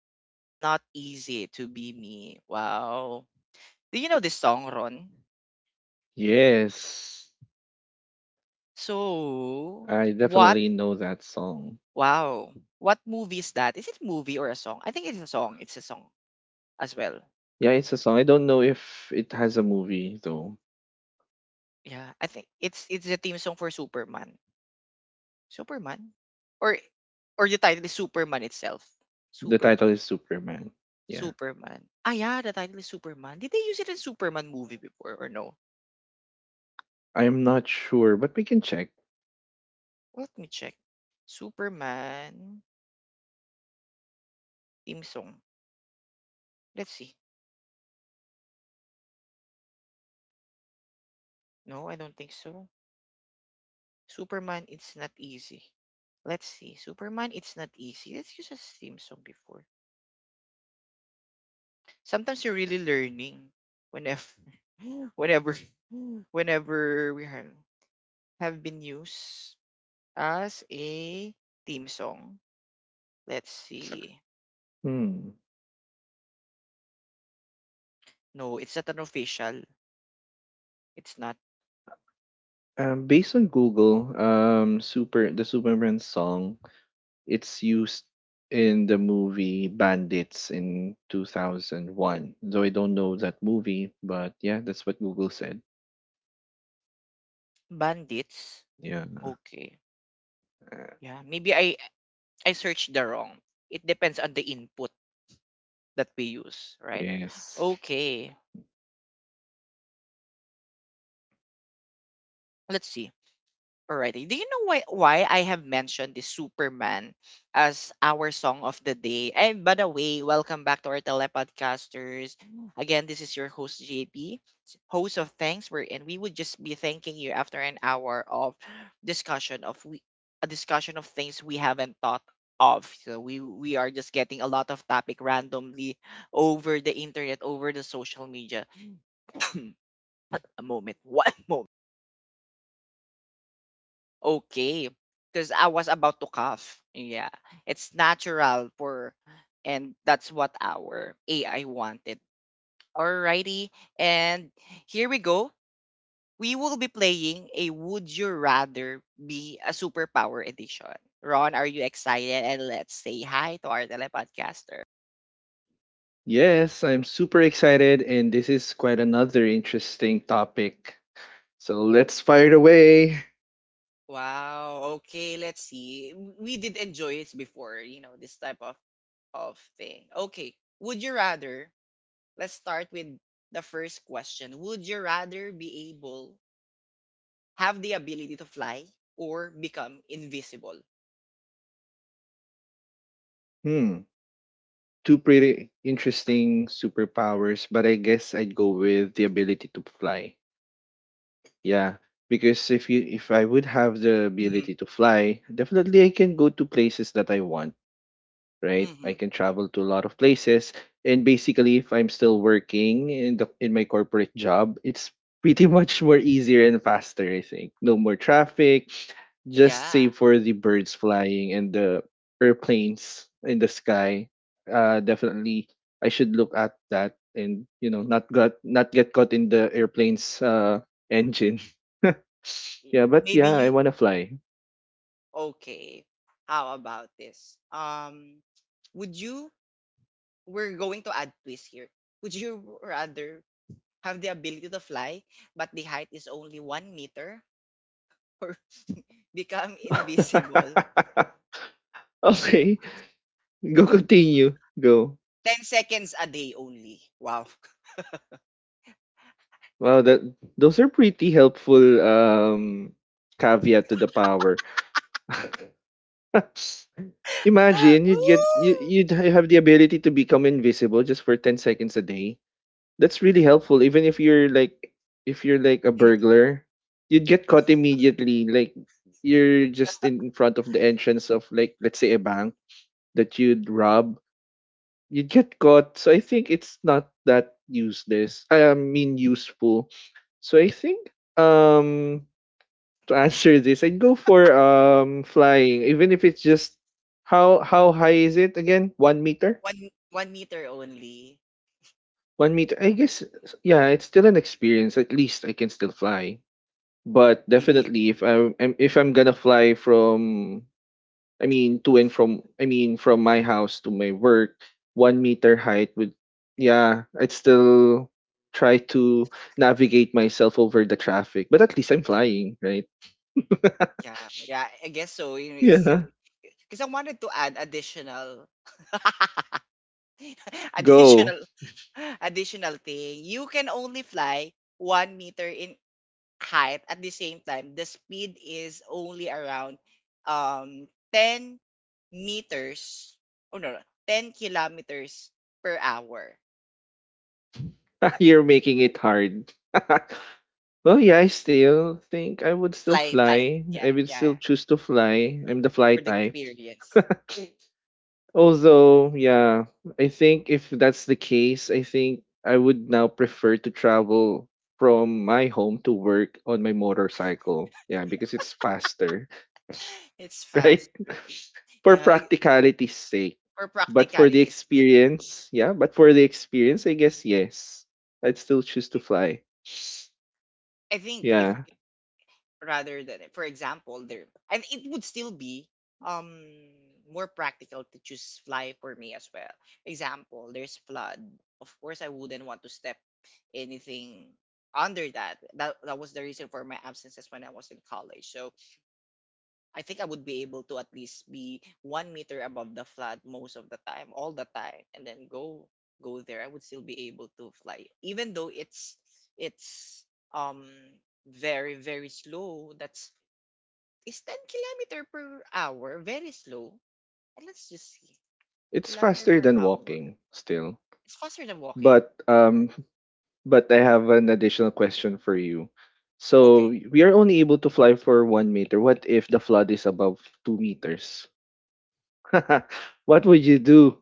And it's not easy to be me. Wow. Do you know this song, Ron? Yes, So, I what? definitely know that song. Wow. What movie is that? Is it movie or a song? I think it's a song. It's a song as well. Yeah, it's a song. I don't know if it has a movie though. Yeah, I think it's the theme song for Superman. Superman? Or or the title is Superman itself? The title Superman. is Superman. Yeah, Superman. Ah, yeah, the title is Superman. Did they use it in Superman movie before or no? I am not sure, but we can check. Let me check. Superman theme song. Let's see. No, I don't think so. Superman, it's not easy. Let's see. Superman, it's not easy. Let's use a theme song before. Sometimes you're really learning whenever, whenever, whenever we have been used as a theme song. Let's see. Hmm. No, it's not an official. It's not Based on Google, super the Superman song, it's used in the movie Bandits in 2001. Though I don't know that movie, but yeah, that's what Google said. Bandits. Yeah. Okay. Uh, Yeah, maybe I searched the wrong. It depends on the input that we use, right? yes. Okay. Let's see. Alrighty. Do you know why I have mentioned the Superman as our song of the day? And by the way, welcome back to our telepodcasters. Again, this is your host JP, host of Thanks We're in. We would just be thanking you after an hour of discussion of we a discussion of things we haven't thought of. So we are just getting a lot of topic randomly over the internet, over the social media. a moment. One moment. Okay, because I was about to cough. Yeah, it's natural for, and that's what our AI wanted. Alrighty, and here we go. We will be playing a Would You Rather Be a Superpower edition. Ron, are you excited? And let's say hi to our telepodcaster. Yes, I'm super excited, and this is quite another interesting topic. So let's fire away. Wow, okay, let's see. We did enjoy this before, you know, this type of thing. Okay, would you rather let's start with the first question. Would you rather be able have the ability to fly or become invisible? Hmm, Two pretty interesting superpowers, but I guess I'd go with the ability to fly. Yeah, because if I would have the hmm ability to fly, definitely I can go to places that I want. Right? I hmm can travel to a lot of places, and basically, if I'm still working in my corporate job, it's pretty much more easier and faster. I think no more traffic, just Yeah. save for the birds flying and the airplanes in the sky. Definitely, I should look at that and not get caught in the airplane's engine. Y- yeah, but Maybe yeah, I you wanna fly. okay. How about this? Would you? We're going to add twist here. Would you rather have the ability to fly, but the height is only 1 meter, or become invisible Okay. Go, continue. Go. 10 seconds a day only? Wow. Wow, that those are pretty helpful caveat to the power. Imagine you you'd Woo! ha- have the ability to become invisible just for 10 seconds a day. That's really helpful. Even if you're like, a burglar, you'd get caught immediately. Like you're just in front of the entrance of, like, let's say, a bank that you'd rob, you get caught. So I think it's not that useless. I mean useful. So I think, um to answer this, I'd go for flying, even if it's just, how high is it again? 1 meter? one meter only. 1 meter. I guess yeah, it's still an experience. At least I can still fly. But Maybe definitely, if I'm gonna fly from, I mean, to and from, I mean, from my house to my work, 1 meter height would, yeah, I'd still try to navigate myself over the traffic, but at least I'm flying, right? yeah, yeah. I guess so. You know, it's still Yeah, because I wanted to add go. additional, additional thing. You can only fly 1 meter in height at the same time. The speed is only around 10 meters. Oh no, no, 10 kilometers per hour. You're making it hard. Well, yeah, I still think I would still Fly, fly. fly. Yeah, I would yeah. still choose to fly. I'm the fly For the type. experience, Although, yeah, I think if that's the case, I think I would now prefer to travel from my home to work on my motorcycle. Yeah, because it's faster. it's Right? faster. For Yeah, I, practicality's sake. for But for the practicality's sake, experience, yeah, but for the experience, I guess yes. I'd still choose to fly. I think if Yeah. rather than for example there, and it would still be um more practical to choose fly for me as well. Example, there's flood. Of course, I wouldn't want to step anything under that. That was the reason for my absences when I was in college. So I think I would be able to at least be 1 meter above the flat most of the time, all the time, and then go there. I would still be able to fly, even though it's um very very slow. That's is 10 kilometer per hour, very slow. And let's just see It's kilometer faster per than hour. walking still. It's faster than walking. But um But I have an additional question for you. So Okay, we are only able to fly for 1 meter. What if the flood is above 2 meters? What would you do?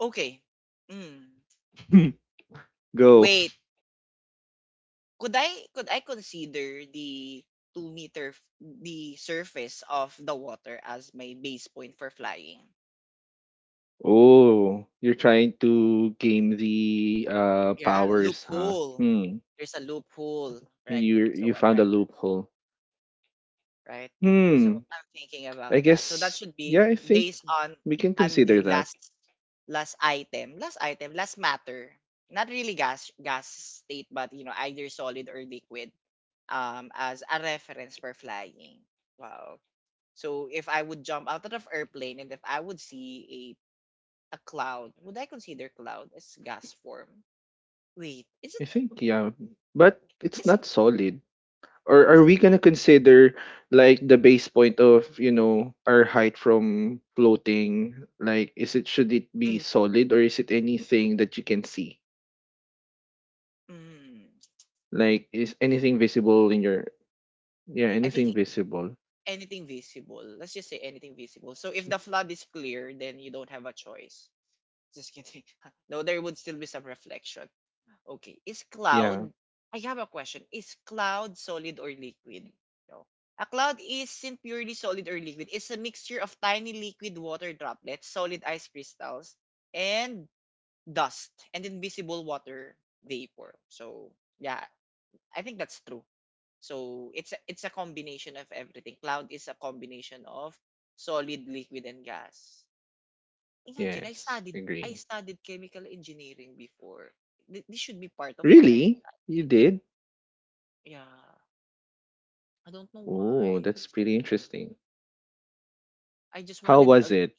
okay. Mm. Go. Wait, could I could I consider the 2 meter the surface of the water as my base point for flying? Oh, you're trying to game the Yeah, powers, huh? loophole. Hmm. There's a loophole, right? You So you I'm found a right, loophole. right? Because Hmm. I'm thinking I about that. So that guess should yeah, be I think based we can on consider the that. Last matter. Not really gas state, but you know either solid or liquid. As a reference for flying. Wow. So if I would jump out of the airplane and if I would see a cloud, would I consider cloud as gas form? Wait, I think yeah. But it's is not solid. Or it's are a we solid? gonna consider, like, the base point of our height from floating, like, is it, should it be Mm, solid, or is it anything that you can see, mm, like is don't. anything visible in your, yeah, I think anything visible. anything visible. Let's just say anything visible. So if S- the flood is clear, then you don't have a choice. Just kidding. No, there would still be some reflection. Okay. Is yeah. cloud, I have a question. Is cloud solid or liquid? No. A cloud isn't purely solid or liquid. It's a mixture of tiny liquid water droplets, solid ice crystals, and dust, and invisible water vapor. So, yeah, I think that's true. So, it's a combination of everything. Cloud is a combination of solid, liquid, and gas. Imagine I Yes, studied I agree. studied chemical engineering before. This should be part of what I Really? You studied. did? Yeah. I don't know Oh, why. that's pretty interesting. I just How wanted was a, it?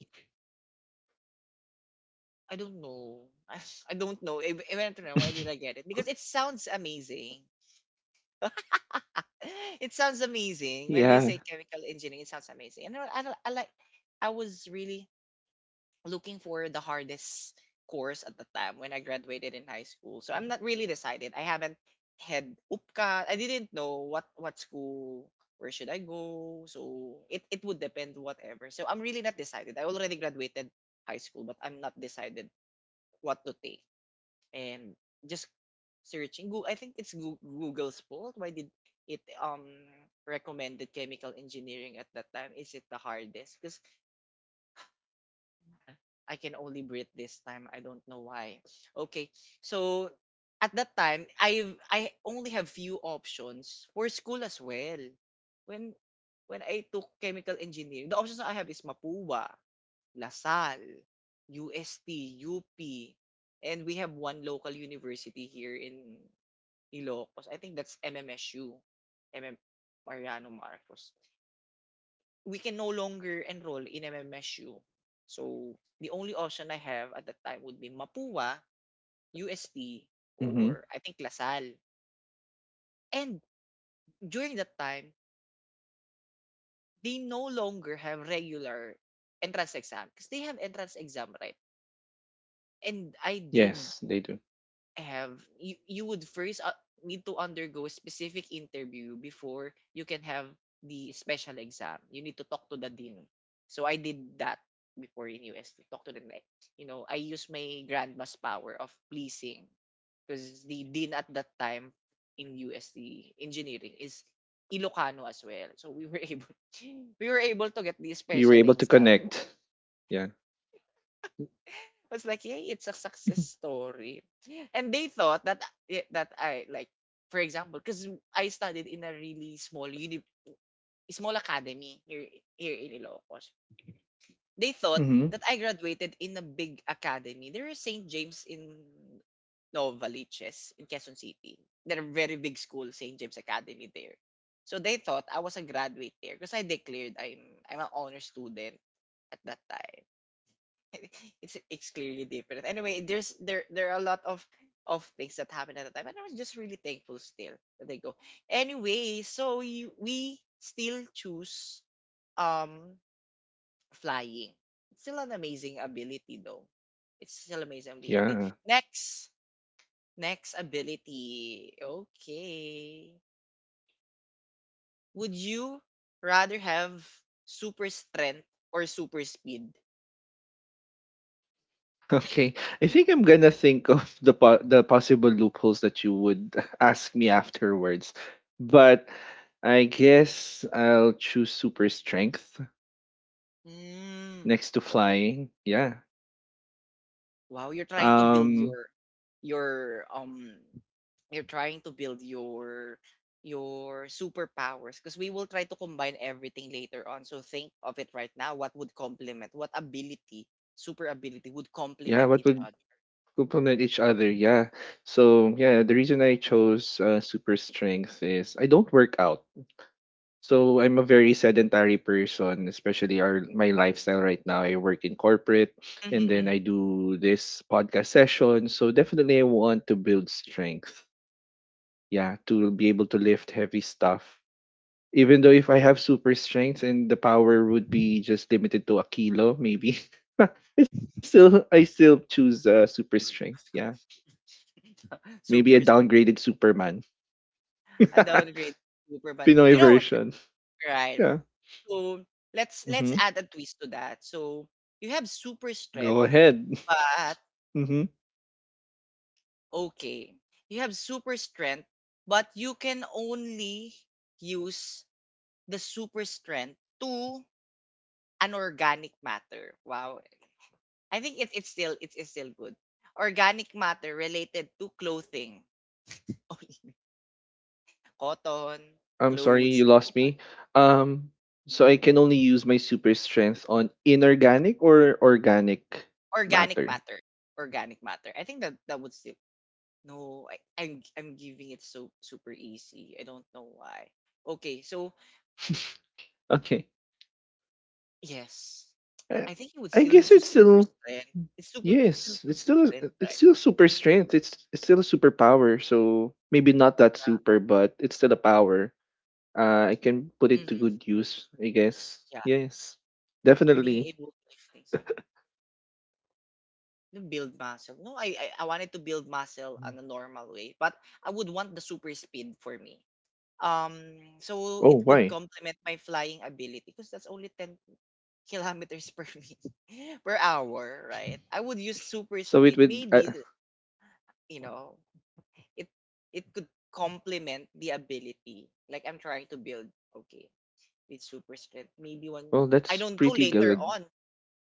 I don't know. Don't know. I don't know why did I get it because it sounds amazing. It sounds amazing. When you Yeah. say chemical engineering, it sounds amazing. And I like I was really looking for the hardest course at the time when I graduated in high school. So I'm not really decided. I haven't had upka. I didn't know what school where should I go. So it would depend whatever. So I'm really not decided. I already graduated high school, but I'm not decided what to take. And just searching Google. I think it's Google's fault. Why did it recommended chemical engineering at that time? Is it the hardest? Because I can only breathe this time. I don't know why. Okay. So at that time, I only have few options for school as well. When when I took chemical engineering, the options I have is Mapua, LaSalle, UST, UP, and we have one local university here in Ilocos. I think that's MMSU. MM Mariano Marcos we can no longer enroll in MMSU. So the only option I have at that time would be Mapua, UST, Mm-hmm. or I think LaSalle. And during that time, they no longer have regular entrance exam because they have entrance exam, right? And I did Yes, they do. have you would first need to undergo a specific interview before you can have the special exam. You need to talk to the dean. So I did that before in UST. Talk to the like, you know, I used my grandma's power of pleasing because the dean at that time in UST engineering is Ilocano as well. So we were able we were able to get the You were special able to exam. connect. Yeah. I was like, "Yay, it's a success story." And they thought that I like, for example, because I studied in a really small uni, small academy here in Ilocos. They thought Mm-hmm. that I graduated in a big academy. There is St. James in Novaliches in Quezon City. They're a very big school, St. James Academy there. So they thought I was a graduate there because I declared I'm an honor student at that time. It's clearly different. Anyway, there are a lot of things that happened at the time, and I was just really thankful still that they go. Anyway, so you, we still choose um flying. It's still an amazing ability though. It's still amazing ability. Yeah. Next next ability. Okay. Would you rather have super strength or super speed? Okay, I think I'm gonna think of the the possible loopholes that you would ask me afterwards, but I guess I'll choose super strength Hmm. next to flying. Yeah. Wow, you're trying to build Um. your your you're trying to build your superpowers because we will try to combine everything later on. So think of it right now. What would complement? What ability, super ability, would Yeah. complement What each would other? complement each other? Yeah. So yeah, the reason I chose super strength is I don't work out. So I'm a very sedentary person, especially our my lifestyle right now. I work in corporate and then Hmm. I do this podcast session. So definitely I want to build strength. Yeah, to be able to lift heavy stuff. Even though if I have super strength and the power would be just limited to a kilo, maybe. it's still I still choose super strength. Yeah. Maybe a Super downgraded Superman. a downgrade Superman. Pinoy You know what, version. right? Yeah. So let's Hmm. add a twist to that. So you have super strength, Go ahead. but okay. You have super strength, but you can only use the super strength to an organic matter. Wow. I think it's still it's still good. Organic matter related to clothing. Cotton, I'm sorry, you clothes, lost me. Um, so I can only use my super strength on inorganic or organic organic matter. matter. Organic matter. I think that that would still no, I'm giving it so super easy. I don't know why. Okay, so Okay. yes. I, I think it would I still guess use your it's super still, strength. It's still yes, super it's still strength, it's right? still super strength. It's still a superpower. So maybe not that super, but it's still a power. I can put it to good Mm-hmm. use. I guess Yeah, yes, being definitely. able to lift things up, to build muscle. No, I wanted to build muscle on a normal way, but I would want the super speed for me. So Oh, it would why? complement my flying ability because that's only 10 kilometers per minute per hour, right? I would use super So it speed. would. Maybe you know, it it could complement the ability like I'm trying to build. Okay, with super strength. Maybe one, Well, I that's don't know pretty later good. on,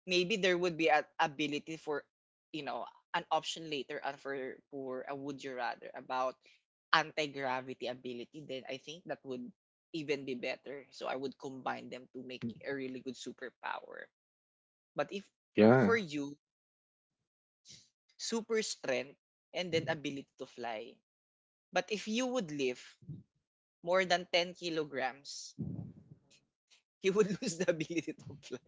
maybe there would be an ability for, you know, an option later on for a would you rather about anti gravity ability. Then I think that would even be better. So I would combine them to make a really good superpower. But if Yeah. for you, super strength and then ability to fly. But if you would lift more than 10 kilograms, you would lose the ability to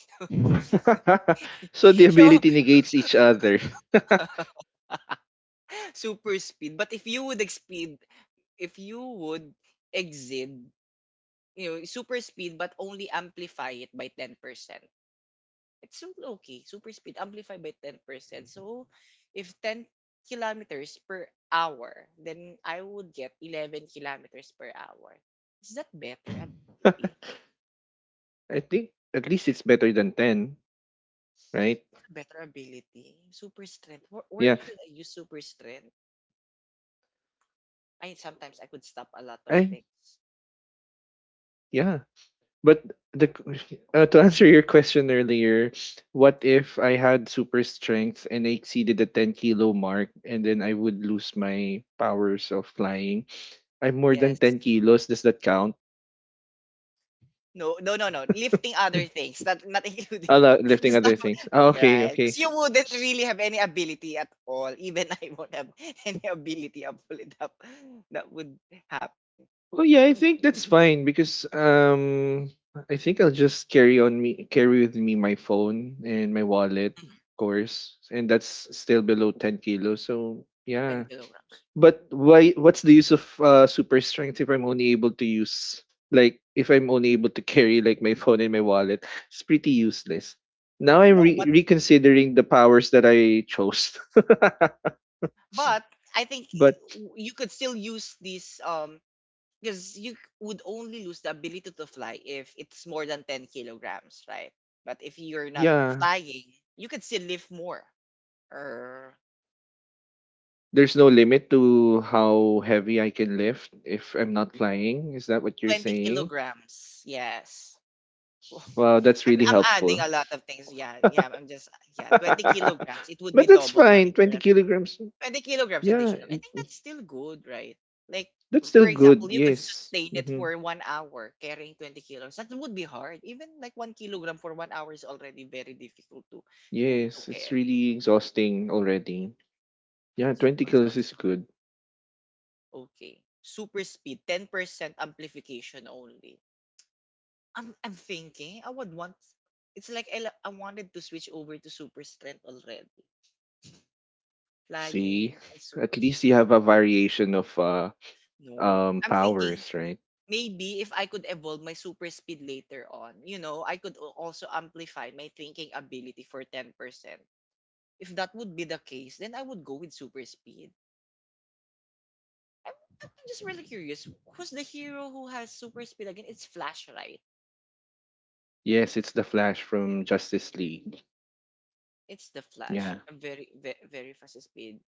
fly. So the Yo. ability negates each other. Super speed. But if you would exceed, if you would exceed, super speed, but only amplify it by 10%, it's still okay. Super speed, amplify by 10%. So if 10 kilometers per hour, then I would get 11 kilometers per hour. Is that better ability? I think at least it's better than 10, right? Super strength. Where Yeah. should I use super strength? I sometimes I could stop a lot of I things. Mm. yeah. But the to answer your question earlier, what if I had super strength and I exceeded the 10-kilo mark and then I would lose my powers of flying? I'm more than Yes. 10 kilos. Does that count? No, no, no, no. Lifting other things, not including you, Lifting because that, other things. Ah, w- okay, right, okay. because you wouldn't really have any ability at all. Even I won't have any ability of pull it up. That would happen. Oh yeah, I think that's fine, because I think I'll just carry with me my phone and my wallet, of course, and that's still below 10 kilos. So Ten yeah, kilograms. but why? What's the use of super strength if I'm only able to use, like, if I'm only able to carry like my phone and my wallet? It's pretty useless. Now I'm No, but reconsidering the powers that I chose. but I think But you could still use this because would only lose the ability to fly if it's more than 10 kilograms, right? But if you're not yeah. flying, you could still lift more or There's no limit to how heavy I can lift if I'm not flying. Is that what you're twenty saying? kilograms. Yes. Well, Wow, that's I'm really I'm adding helpful. a lot of things. Yeah, yeah. I'm just yeah, 20 But kilograms. It would be that's double now fine. if you're 20 not kilograms. 20 kilograms Yeah, additional. I think that's still good, right? Like, that's still for good. example, you could Yes. sustain it Hmm. for 1 hour carrying 20 kilos. That would be hard. Even like 1 kilogram for 1 hour is already very difficult to Yes, it's carry. really exhausting already. Yeah, 20 kilos Exhausting is already. good. Okay. Super speed, 10% amplification only. I'm thinking I would want it's like I wanted to switch over to super strength already. See, Flying and at super least speed. you have a variation of No. I'm thinking powers, right? maybe if I could evolve my super speed later on, you know, I could also amplify my thinking ability for 10%. If that would be the case, then I would go with super speed. I'm, I'm just really curious. Who's the hero who has super speed again? It's Flash, right? Yes, it's the Flash from Justice League. It's the Flash. Yeah. A very, very, very fast speed.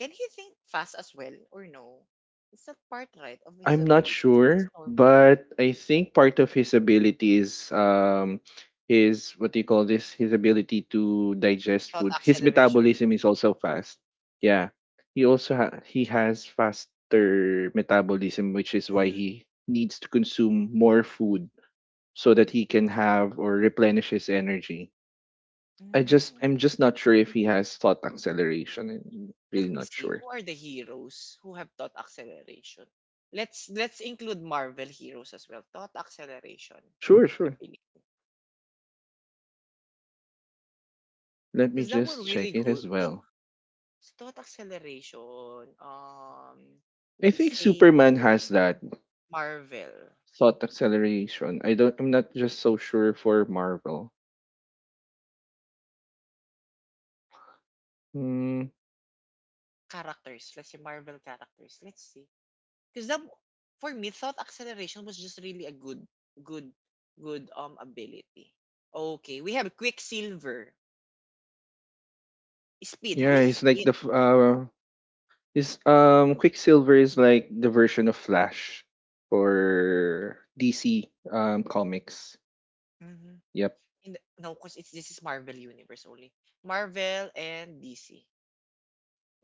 Can he think fast as well or no? It's not part right of his I'm not ability. He thinks sure, normal. but I think part of his ability is his, what do you call this? His ability to digest Thought food. His acceleration. metabolism is also fast. Yeah. He also he has faster metabolism, which is why Mm, he needs to consume more food so that he can have or replenish his energy. Mm. I'm just not sure if he has thought acceleration. I'm really Let me not see. sure. Who are the heroes who have thought acceleration? Let's include Marvel heroes as well. Thought acceleration Sure, sure. ability. Let me Because that one just check really it good. as The well. thought acceleration. I think Let's say Superman for has that Marvel thought acceleration. I don't. I'm not just so sure for Marvel. Mm, characters. Let's say Marvel characters. Let's see. Because that for me, thought acceleration was just really a good, good, good ability. Okay, we have Quicksilver, Speed. Who yeah, is he's like Speed? the f- his Quicksilver is like the version of Flash for DC comics. Mm-hmm. Yep, In the, no, because it's this is Marvel universe only. Marvel and DC.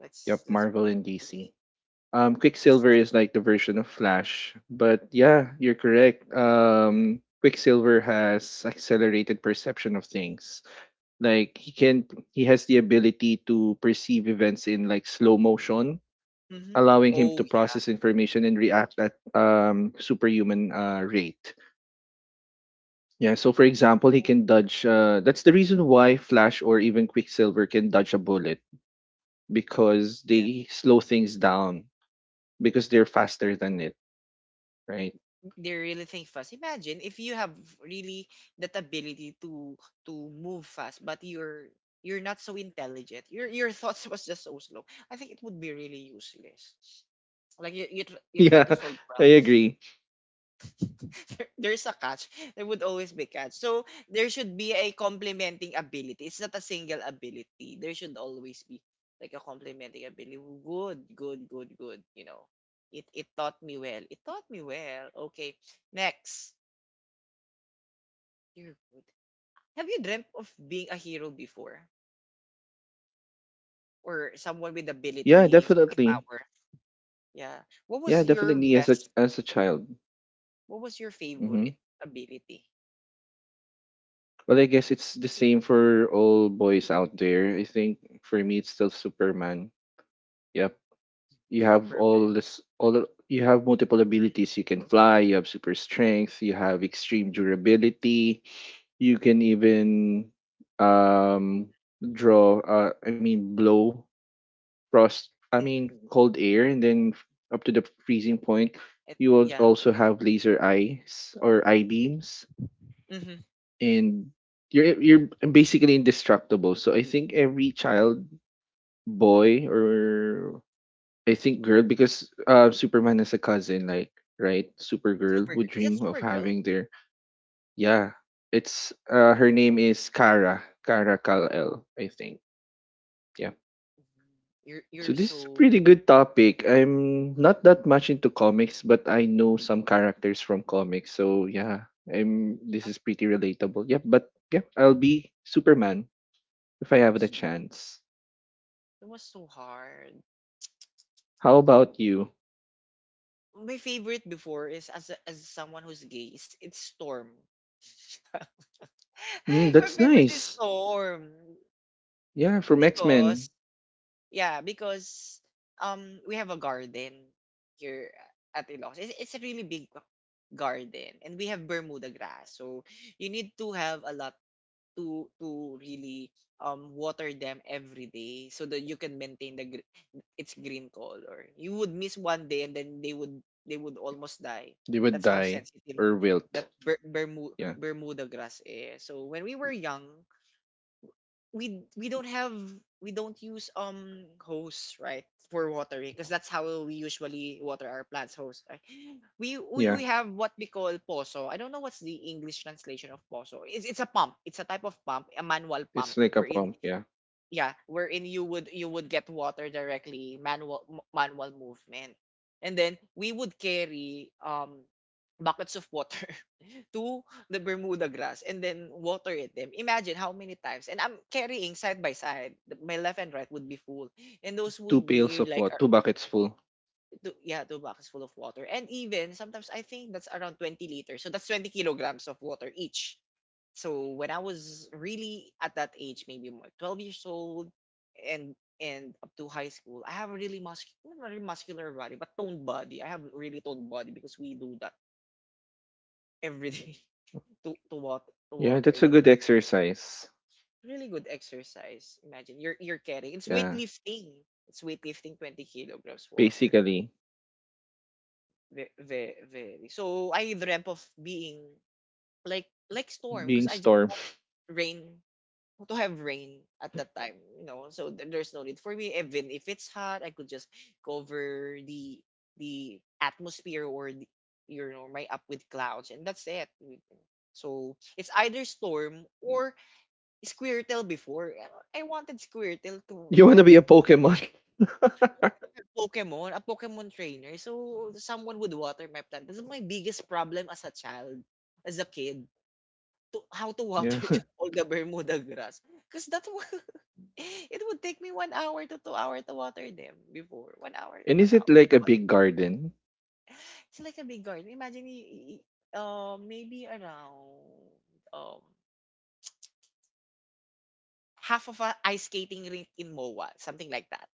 Let's yep. let's Marvel put and it. DC. Let's, Quicksilver is like the version of Flash, but yeah, you're correct. Quicksilver has accelerated perception of things. Like, he has the ability to perceive events in, like, slow motion, hmm allowing him Oh to yeah. process information and react at superhuman rate. Yeah, so for example, he Oh can dodge that's the reason why Flash or even Quicksilver can dodge a bullet, because yeah. they slow things down, because they're faster than it, right? They really think fast. Imagine if you have really that ability to move fast, but you're not so intelligent. Your thoughts was just so slow. I think it would be really useless. Like you try to Yeah, solve I problems. agree. There's a catch. There would always be catch. So there should be a complementing ability. It's not a single ability. There should always be like a complementing ability. Good, good, good, good. It taught me well. It taught me well. Okay, next. You're good. Have you dreamt of being a hero before? Or someone with Yeah, ability, definitely. superpower? Yeah. What was Yeah, your definitely, as a best, as a child. what was your Mm-hmm. favorite ability? Well, I guess it's the same for all boys out there. I think for me, it's still Superman. Yep, you have Superman. all this, you have multiple abilities. You can fly. You have super strength. You have extreme durability. You can even um draw. I mean, blow frost. I Mm-hmm. mean, cold air, and then up to the freezing point. It, You yeah. also have laser eyes or eye beams, Mm-hmm. and you're basically indestructible. So I think every child, boy, or I think girl, because Superman has a cousin, like, right, Supergirl, would Supergirl. Is that dream of Supergirl? having their, yeah. It's her name is Kara Kal El, I think. Yeah. Mhm. You're, So you're this is a so, pretty good topic. I'm not that much into comics, but I know some characters from comics. So yeah. I'm. This ah, is pretty relatable. Yeah, but yeah, I'll be Superman if I have the super. chance. It was so hard. How about you? My favorite before is as someone who's gay, it's Storm. Mm, My that's favorite is nice. Storm. Yeah, from X Because Men, Yeah, because we have a garden here at Ilocos. It's a really big garden and we have Bermuda grass. So you need to have a lot to really water them every day so that you can maintain its green color. You would miss one day and then they would almost die. they would That's how die sensitive or that wilt. Yeah, Bermuda grass is. So when we were young, we we don't have we don't use hose right for watering because that's how we usually water our plants hose right. We yeah. have what we call poso. I don't know what's the english translation of poso. It's a pump. It's a type of pump, a manual pump It's like a wherein pump. Yeah, yeah wherein you would get water directly, manual movement, and then we would carry buckets of water to the Bermuda grass and then water it them. Imagine how many times. And I'm carrying side by side. My left and right would be full. And those two would pails be of like, what? Two buckets full. two, yeah, two buckets full of water. And even sometimes I think that's around 20 liters. So that's 20 kilograms of water each. So when I was really at that age, maybe more 12 years old and and up to high school, I have a really muscular, not really muscular body, but toned body. I have really toned body because we do that every day to, to, water, to Yeah, water that's a that good plant. exercise. Really good exercise. Imagine you're carrying it's Yeah, weightlifting. It's weightlifting 20 kilograms water. basically Very, very, very. So I dreamt of being like Storm being because I just storm. rain to have rain at that time. So there's no need for me. Even if it's hot, I could just cover the atmosphere or the, you know my up with clouds and that's it. So it's either Storm or Squirtle before. I wanted Squirtle to You to wanna have be a Pokemon? Pokemon, a Pokemon trainer. So someone would water my plant. That's my biggest problem as a child, as a kid, to how to Yeah. water all the Bermuda grass. Because that was, it would take me 1 hour to 2 hour to water them before. 1 hour, And one is hour. it like a big garden? It's like a big garden. Imagine, maybe around um half of a ice skating rink in MOA, something like that.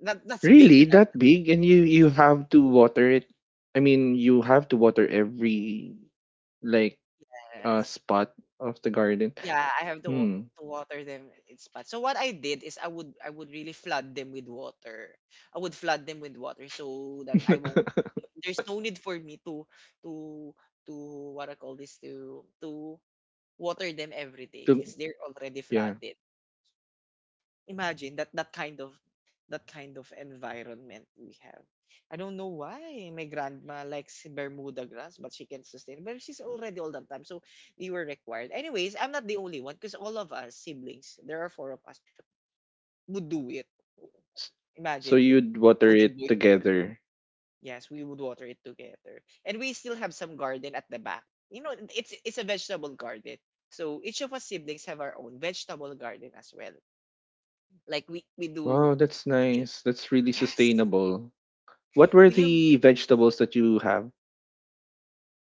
That's big, Really right? that big? And you have to water it. I mean, you have to water every, like, Yes. spot of the garden. Yeah, I have Hmm. to water them in spots. So what I did is I would really flood them with water. I would flood them with water so that I won't. There's no need for me to to what I call this to water them every day To- because they're already yeah. flooded. Imagine that kind of environment we have. I don't know why my grandma likes Bermuda grass, but she can sustain. But she's already old that time, so we were required. Anyways, I'm not the only one because all of us siblings, there are four of us, would do it. S- So Imagine, you'd water including it boys. together. Yes, we would water it together, and we still have some garden at the back. It's a vegetable garden. So each of us siblings have our own vegetable garden as well. Like we do Wow, that's nice. That's really yes, sustainable. What were we have. the vegetables that you have?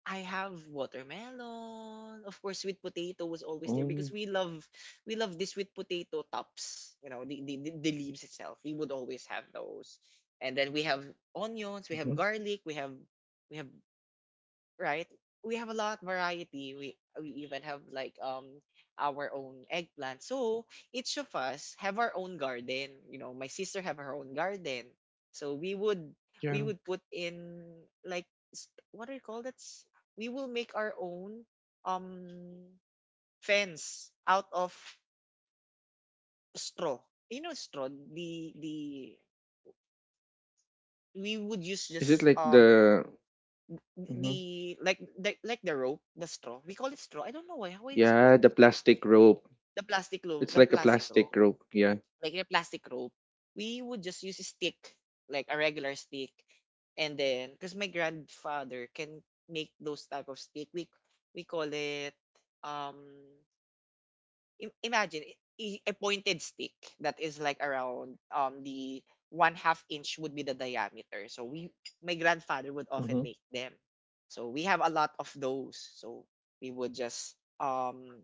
I have watermelon. Of course, sweet potato was always there because Oh, we love the sweet potato tops. The leaves itself. We would always have those. And then we have onions. We have mhm, garlic. We have we have, right? We have a lot variety. We even have like our own eggplant. So each of us have our own garden. My sister have her own garden. So we would we yeah. would put in like what do you call that? We will make our own um fence out of straw. You know straw. The we would use Is it just like the? Mhm. the like the, like the rope, the straw. We call it straw. I don't know why. How it's Yeah, called the straw. plastic We- rope. It's the like a plastic plastic rope, rope. Yeah. like the plastic rope. We would just use a stick, like a regular stick, and then because my grandfather can make those type of stick, we call it um imagine a pointed stick that is like around the one half inch would be the diameter. So we my grandfather would often Hmm. make them. So we have a lot of those. So we would just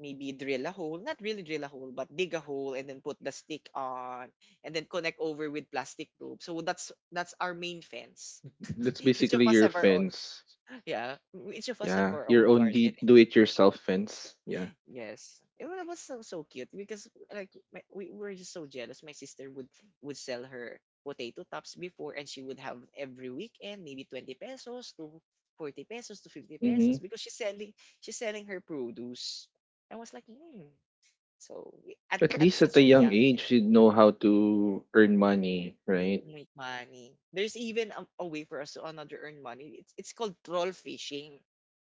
maybe drill a hole, not really drill a hole, but dig a hole and then put the stick on and then connect over with plastic rope. So that's our main fence. That's Each of basically us your have our own fence. yeah. Each of us have Yeah, our your own own garden. Do-it-yourself fence. Yeah. Yes, it was so cute because we were just so jealous. My sister would sell her potato tops before, and she would have every weekend maybe 20 pesos to 40 pesos to 50 Mm-hmm. pesos because she's selling her produce. I was like, hmm. So we- at At at least at such a a young young age, age, you'd know how to earn money, right? make money. There's even a way for us to another earn money. It's called troll fishing.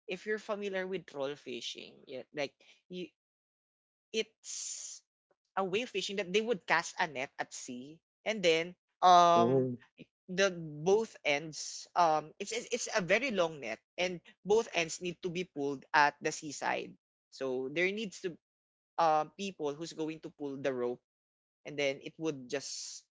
If you're familiar with troll fishing, yeah, like you it's a wave fishing that they would cast a net at sea, and then um Oh, the both ends, it's a very long net, and both ends need to be pulled at the seaside, so there needs to, people who's going to pull the rope, and then it would just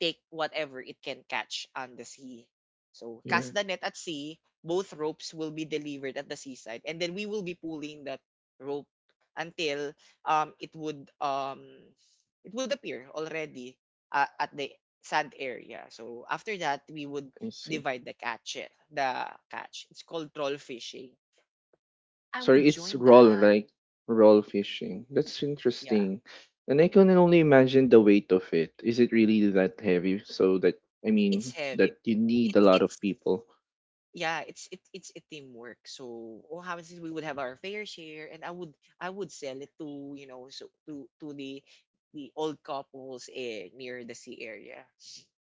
take whatever it can catch on the sea. So yeah, cast the net at sea, both ropes will be delivered at the seaside, and then we will be pulling that rope until um it would um it would appear already at the sand area. So after that, we would I see. divide the catch. The catch. It's called troll fishing. I would Sorry, it's join roll, that. right? Roll fishing. That's Yeah, interesting. And I can only imagine the weight of it. Is it really that heavy? So that, I it's mean, heavy, that you but need a it's lot of it's people. yeah, it's it's a teamwork, so oh how is it, we would have our fair share. And I would, I would sell it, to so to the old couples, near the sea area.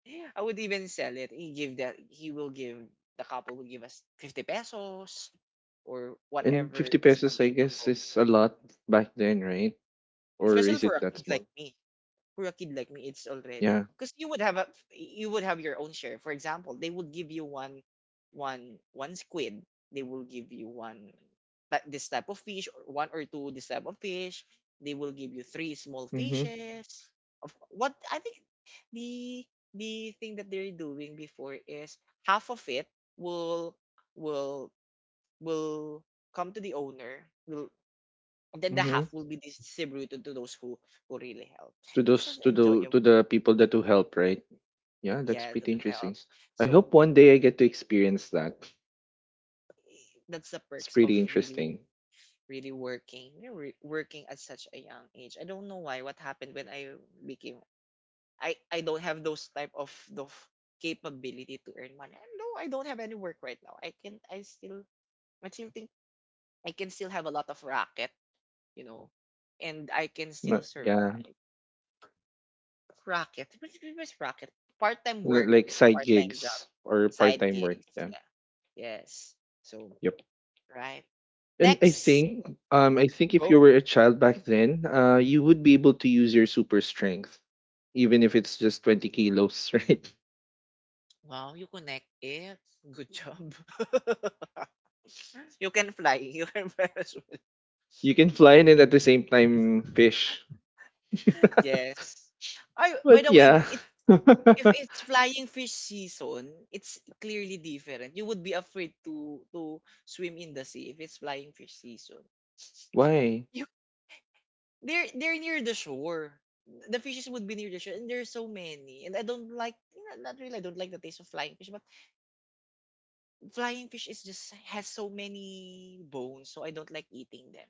I would even sell it, he give that he will give, the couple will give us 50 pesos or And whatever 50 is pesos, I guess, available. is a lot back then, right? Or Especially is for it a that kid small? like me, for a kid like me, it's already, Yeah. because you would have a, you would have your own share. For example, they would give you one, one squid. They will give you one like this type of fish, or one or two this type of fish. They will give you three small Mm-hmm. fishes of what I think. the the thing that they're doing before is half of it will, will will come to the owner will, and then the Mm-hmm. half will be distributed to those who really help. to This those is to the to enjoyable, the people that who help, right? Yeah, that's yeah, that pretty help. interesting. I So hope one day I get to experience that. That's the It's perks of pretty really, interesting. really working, you know, working at such a young age. I don't know why, what happened when I became, I don't have those type of the capability to earn money. No, I don't have any work right now. I can I still, I still think I can still have a lot of racket, you know, and I can still Not, yeah, survive. Racket, what's racket? Part-time li- work. like side Part-time job, gigs or side part-time work. gigs, Yeah. yeah. Yes, so. Yep. Right. And I Next. think um I think if you Go. were a child back then, you would be able to use your super strength even if it's just 20 kilos, right? Wow, you connect it. Good job. You can fly. You can fly as well. You can fly in and at the same time fish. Yes. Ay, by But the way, yeah. it's, if it's flying fish season, it's clearly different. You would be afraid to swim in the sea if it's flying fish season. Why? You, they're near the shore. The fishes would be near the shore, and there's so many. And I don't like, not not really. I don't like the taste of flying fish, but flying fish is just has so many bones, so I don't like eating them.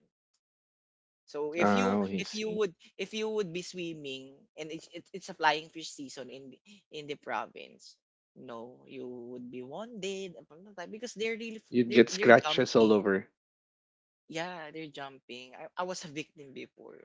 So if you, Ah, I if you see. would, if you would be swimming and it's it's a flying fish season in the province, no, you would be wounded upon the time because they're really You'd get they're scratches all jumping. over. Yeah, they're jumping. I was a victim before,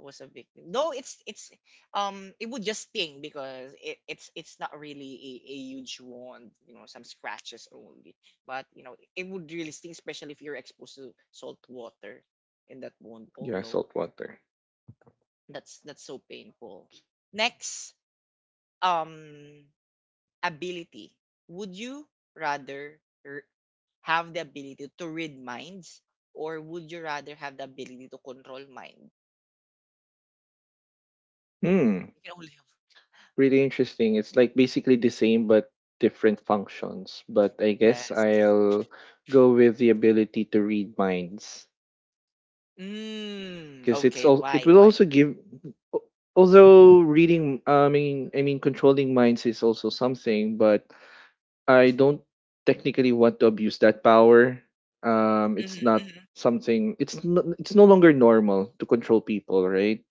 was a victim. No, it's it would just sting because it, it's not really a huge wound, you know, some scratches only. But you know, it would really sting, especially if you're exposed to salt water in that wound. Oh Yeah, no, salt water. That's so painful. Next, um ability. Would you rather r- have the ability to read minds, or would you rather have the ability to control mind? Hmm. You can only have, Pretty interesting. It's like basically the same but different functions. But I guess yes. I'll go with the ability to read minds Mm, because it's okay. all. It Why? will Why? also give. Al- Although reading, I mean, controlling minds is also something, but I don't technically want to abuse that power. It's Mhm, not mhm, something. It's no longer normal to control people, right?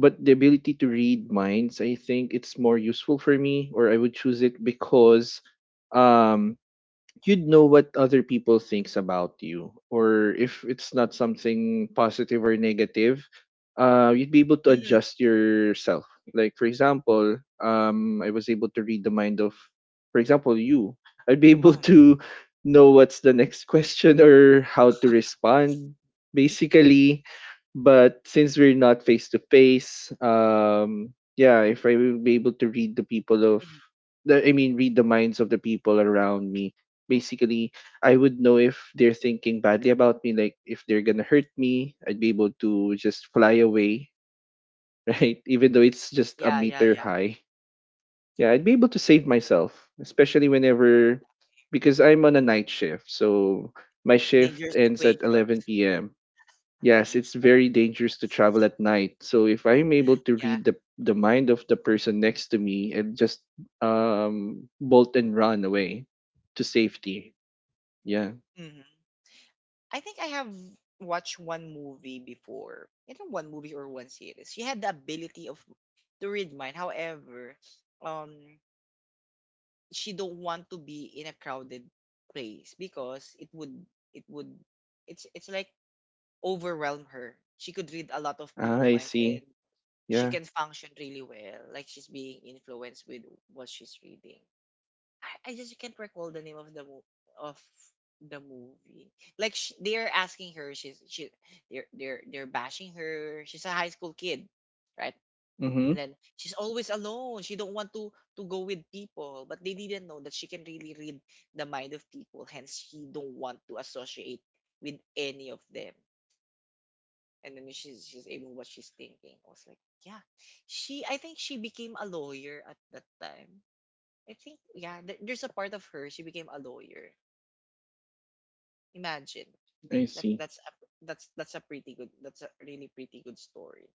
But the ability to read minds, I think it's more useful for me, or I would choose it because um you'd know what other people thinks about you, or if it's not something positive or negative, you'd be able to mhm, adjust yourself. Like, for example, I was able to read the mind of, for example, you. I'd be able uh-huh, to know what's the next question or how to respond, basically. But since we're not face to face, yeah, if I will be able to read the people of, mhm. the I mean, read the minds of the people around me, basically, I would know if they're thinking badly about me, like if they're gonna hurt me, I'd be able to just fly away, right? Even though it's just a Yeah, yeah, meter yeah. high. Yeah, I'd be able to save myself, especially whenever, because I'm on a night shift. So my shift Dangerous ends at situations. 11 p.m. Yes, it's very dangerous to travel at night. So if I'm able to Yeah. read the mind of the person next to me and just bolt and run away to safety. Yeah. Mhm. I think I have watched one movie before. I think one movie or one series. She had the ability of to read mind. However, um, she don't want to be in a crowded place because it would, it would, it's like overwhelm her. She could read a lot of Ah, people I minds, see. and she Yeah. can function really well. Like she's being influenced with what she's reading. I just can't recall the name of the of the movie. Like sh they're asking her, she, they're they're bashing her. She's a high school kid, right? And Mm-hmm. then she's always alone. She don't want to go with people, but they didn't know that she can really read the mind of people. Hence, she don't want to associate with any of them, and then she's aiming what she's thinking. I was like, yeah, she. I think she became a lawyer at that time. I think, yeah, there's a part of her she became a lawyer. Imagine, I that's see. that's a, that's a pretty good. That's a really pretty good story.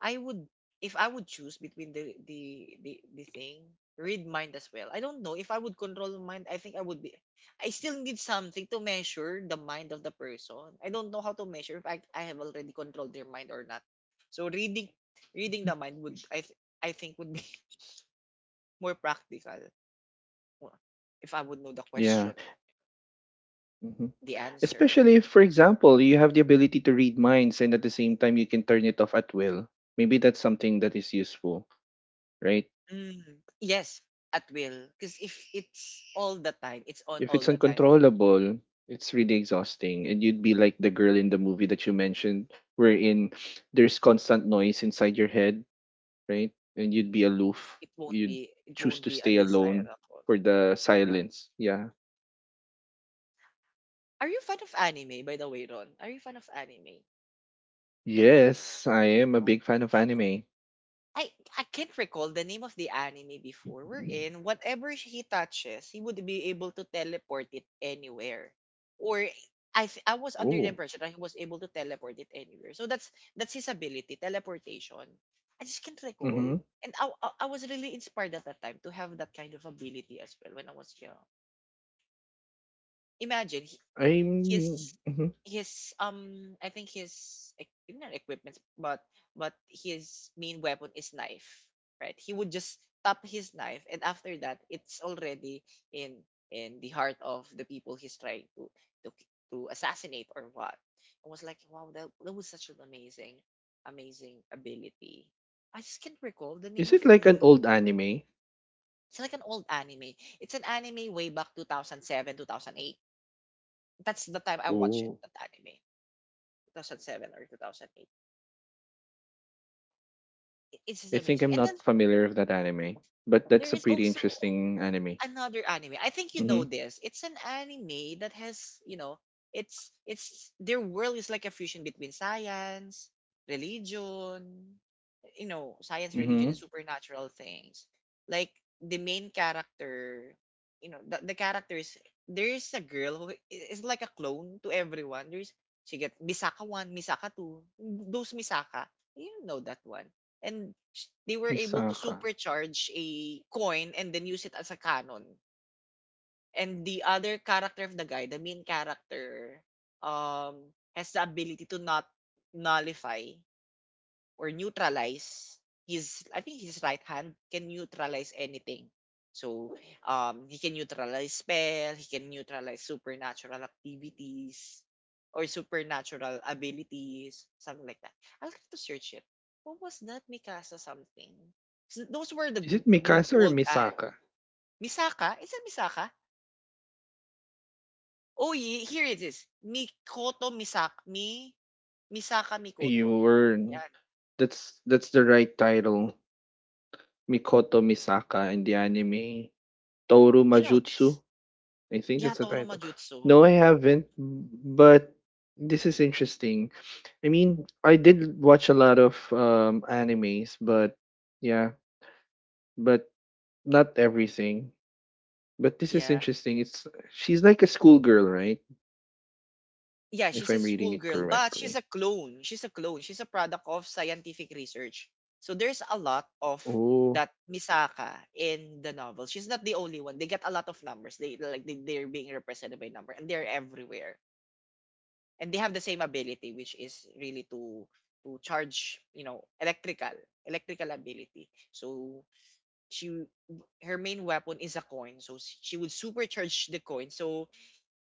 I would, if I would choose between the the thing, read mind as well. I don't know if I would control mind. I think I would be. I still need something to measure the mind of the person. I don't know how to measure if I have already controlled their mind or not. So reading, reading the mind would, I think would be more practical, more- if I would know the Yeah. question, Mm-hmm. the answers. Especially if, for example, you have the ability to read minds and at the same time you can turn it off at will. Maybe that's something that is useful, right? Mm, yes, at will. Because if it's all the time, it's on If all it's the time. uncontrollable, it's really exhausting. And you'd be like the girl in the movie that you mentioned, wherein there's constant noise inside your head, right? And you'd be aloof. It won't You'd be. It choose won't to be stay alone undesirable. for the Yeah. silence. Yeah. Are you fan of anime, by the way, Ron? Are you fan of anime? Yes, I am a big fan of anime. I I can't recall the name of the anime before we're in. Whatever he touches, he would be able to teleport it anywhere. Or I was under the Oh. impression that he was able to teleport it anywhere. So that's his ability, teleportation. I just can't Mhm. recall. And I was really inspired at that time to have that kind of ability as well when I was young. Imagine I'm his mhm. his I think his not equipment, but his main weapon is knife, right? He would just tap his knife, and after that it's already in in the heart of the people he's trying to, to assassinate or what. I was like, wow, that was such an amazing, amazing ability. I just can't recall the name Is of it like an the, old anime? it's like an old anime. It's an anime way back 2007, 2008. That's the time I watched it, Oh. that anime. 2007 or 2008. It's just I think amazing. I'm And then not familiar with that anime, but there that's a is pretty also interesting anime. another anime. I think you know Mhm. this. It's an anime that has, you know, it's their world is like a fusion between science, religion, you know, science, religion, and Mhm. supernatural things. Like the main character, you know, the characters, there is a girl who is like a clone to everyone. There's, she gets Misaka 1, Misaka 2, those Misaka. You know that one. And they were able to Misaka. supercharge a coin and then use it as a cannon. And the other character of the guy, the main character, has the ability to not, nullify or neutralize, his, I think his right hand can neutralize anything. So he can neutralize spell, he can neutralize supernatural activities or supernatural abilities, something like that. I'll have to search it. What was that Mikasa something? Those were the Is it good Mikasa or old and, Misaka? Misaka? Is it Misaka? Oh, yeah, here it is. Mikoto Misaka. Misaka Mikoto. You were Yan. That's the right title. Mikoto Misaka in the anime Toru You know Majutsu. this? I think Yeah, that's the Toro title. Majutsu. No, I haven't, but this is interesting. I mean, I did watch a lot of animes, but yeah, but not everything. But this is Yeah. interesting. It's she's like a schoolgirl, right? Yeah, If she's a I'm reading it schoolgirl, but she's a correctly. clone. She's a clone. She's a product of scientific research. So there's a lot of Oh, that Misaka in the novel. She's not the only one. They get a lot of numbers. They like they, they're being represented by number and they're everywhere. And they have the same ability which is really to charge, you know, electrical, electrical ability. So she, her main weapon is a coin. So she would supercharge the coin, so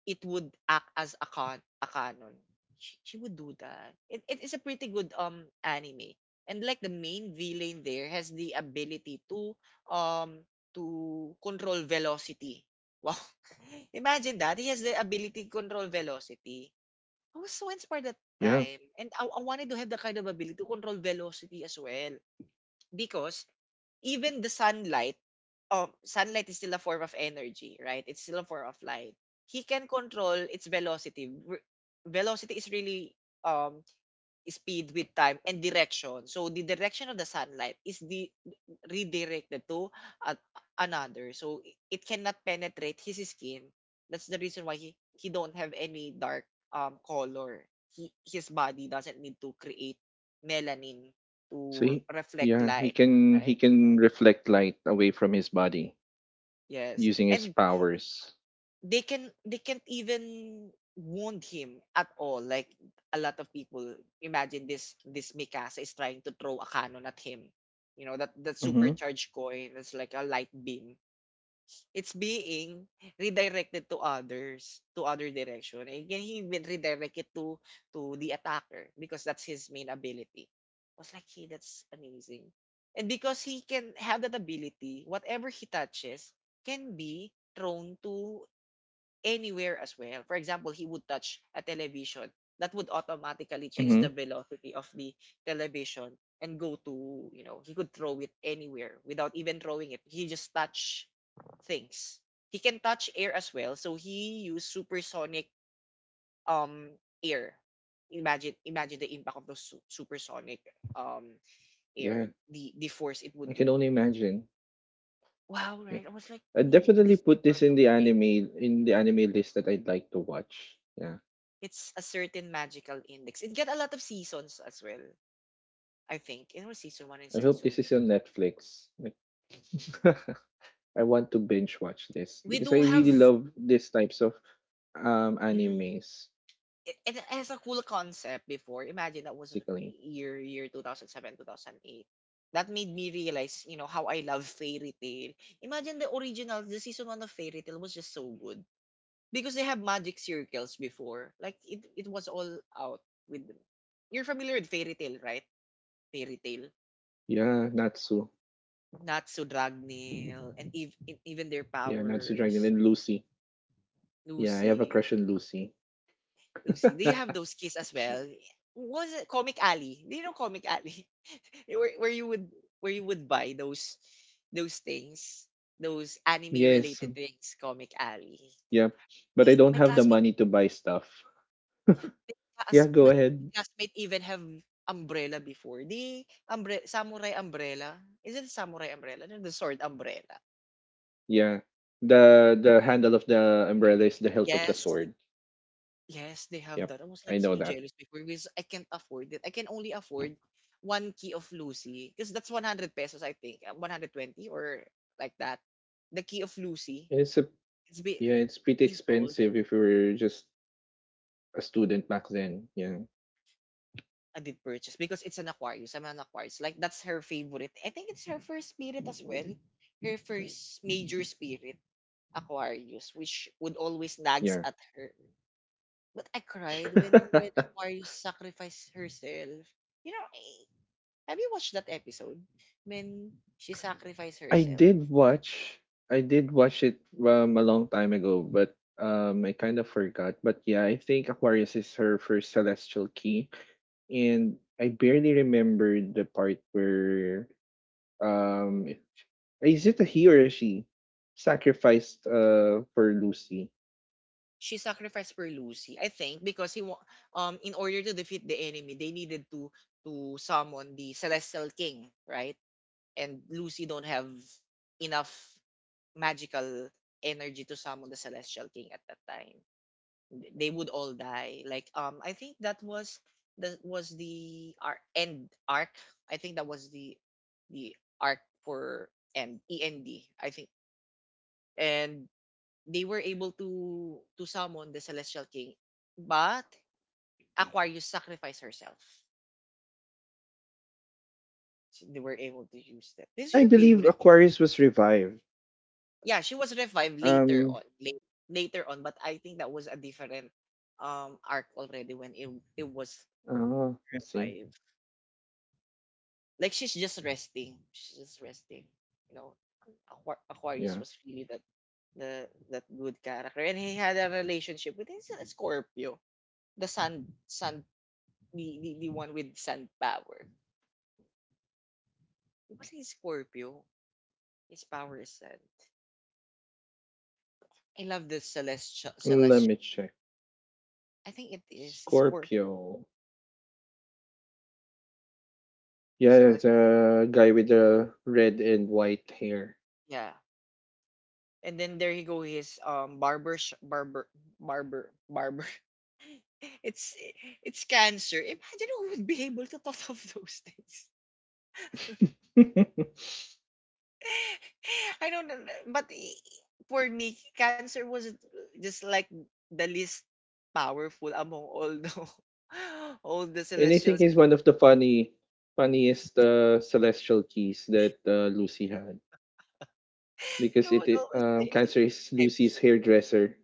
it would act as a con, a canon. She would do that. It is a pretty good anime. And like the main villain there has the ability um to control velocity. Wow. Imagine that. He has the ability to control velocity. I was so inspired at the yeah. time. And I wanted to have the kind of ability to control velocity as well. Because even the sunlight, sunlight is still a form of energy, right? It's still a form of light. He can control its velocity. Velocity is really um speed with time and direction. So the direction of the sunlight is the, redirected to a- another. So it cannot penetrate his skin. That's the reason why he don't have any dark color. He, his body doesn't need to create melanin So to he, reflect yeah, he light, can right? he can reflect light away from his body Yes. using his And powers. they can, they can't even wound him at all. Like a lot of people imagine this Mikasa is trying to throw a cannon at him. You know, that Mhm. supercharged coin that's like a light beam. It's being redirected to other direction and can he even redirect it to the attacker because that's his main ability. I was like, hey, that's amazing. And because he can have that ability, whatever he touches can be thrown to anywhere as well. For example, he would touch a television that would automatically change the Mhm. velocity of the television and go to, he could throw it anywhere without even throwing it. He just touch things. He can touch air as well, so he used supersonic um air. Imagine the impact of the supersonic um air, Yeah, the force it I would can get. only imagine. Wow, Yep. right? I was like, I "Mm, definitely these put people are this in so the anime crazy." in the anime list that I'd like to watch. Yeah. It's A Certain Magical Index. It get a lot of seasons as well. I think in our season one and I hope season this is two, on Netflix. Like, I want to binge watch this we because I do really have. love these types of Mm, animes, it basically. has a cool concept before. Imagine that was year 2007, 2008. That made me realize, you know, how I love Fairy tale. Imagine the original, the season one of Fairy tale was just so good because they have magic circles before. Like it was all out with. You're familiar with Fairy tale, right? Fairy tale. Yeah, Natsu. Natsu Dragneel, and even their Yeah, Natsu Dragon and powers. Lucy. Yeah, I have a Lucy, crush on Lucy. Lucy, do you have those keys as well? Was it Comic Alley? Do you know Comic Alley? Where you would where you would buy those things, those anime Yes, related things, Comic Alley. yeah, but I don't My have the classmate, money to buy stuff. my Yeah, go my ahead. classmate even have umbrella before. The samurai umbrella. Is it samurai umbrella? No, the sword umbrella. Yeah, the handle of the umbrella is the hilt of the Yes. sword. Yes, they have Yep, that. I was I like know so that. jealous before because I can't afford it. I can only afford one key of Lucy because that's 100 pesos, I think. 120 or like that. The key of Lucy, And It's a it's be, yeah, it's pretty being sold. expensive if you're just a student back then. Yeah, I did purchase because it's an Aquarius. I'm an Aquarius. Like, that's her favorite. I think it's her first spirit as well. Her first major spirit, Aquarius, which would always nags yeah. at her. But I cried when Aquarius sacrificed herself, you know, eh, have you watched that episode when she sacrificed I herself? did watch. I did watch it a long time ago, but I kind of forgot. But yeah, I think Aquarius is her first celestial key, and I barely remember the part where um is it a he or a she sacrificed for Lucy, She sacrificed for Lucy, I think, because in order to defeat the enemy, they needed to summon the Celestial King, right? And Lucy don't have enough magical energy to summon the Celestial King at that time. They would all die. Like I think that was the end arc. I think that was the arc for end, E N D. I think and they were able to summon the Celestial King, but Aquarius sacrificed herself. So they were able to use that. and This is I your believe favorite. Aquarius was revived. Yeah, she was revived later Um, on, later on, but I think that was a different arc already when it was let's see. revived. Like she's just resting, she's just resting. You know, Aquarius Yeah, was really that, the that good character, and he had a relationship with his Scorpio, the sun, the one with sand power. It wasn't Scorpio. His power is sand. I love the let celestial. me check. I think it is Scorpio Scorpio. Yeah, celestial. the guy with the red and white hair. Yeah. And then there you go. His barber sh- barber barber barber. It's it's Cancer. Imagine who would be able to thought of those things. And I don't know, but i- for me, Cancer was just like the least powerful among all the all the I think celestials. he's one of the funniest celestial keys that Lucy had He because it, would it always say, Cancer is Abby, Lucy's hairdresser,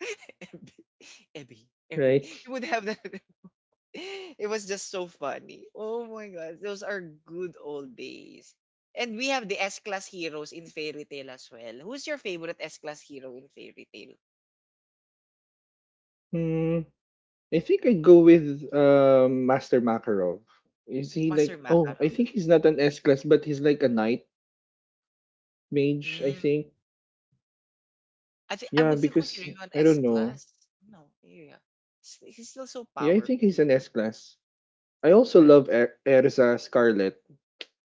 Abby, Abby, Abby. right? He would have that. It was just so funny. Oh my God. Those are good old days. And we have the S-Class heroes in Fairy tale as well. Who's your favorite S-Class hero in Fairy tale? Hmm. I think I'd go with Master Makarov. Is he Master like, oh, I Makarov. think he's not an S class, but he's like a knight mage. I Mm. think. I think I Yeah, would still consider because him an I don't know. S-Class. No, yeah. S- He's still so Yeah, I think powerful, he's an S class. I also right? love Erza Scarlet.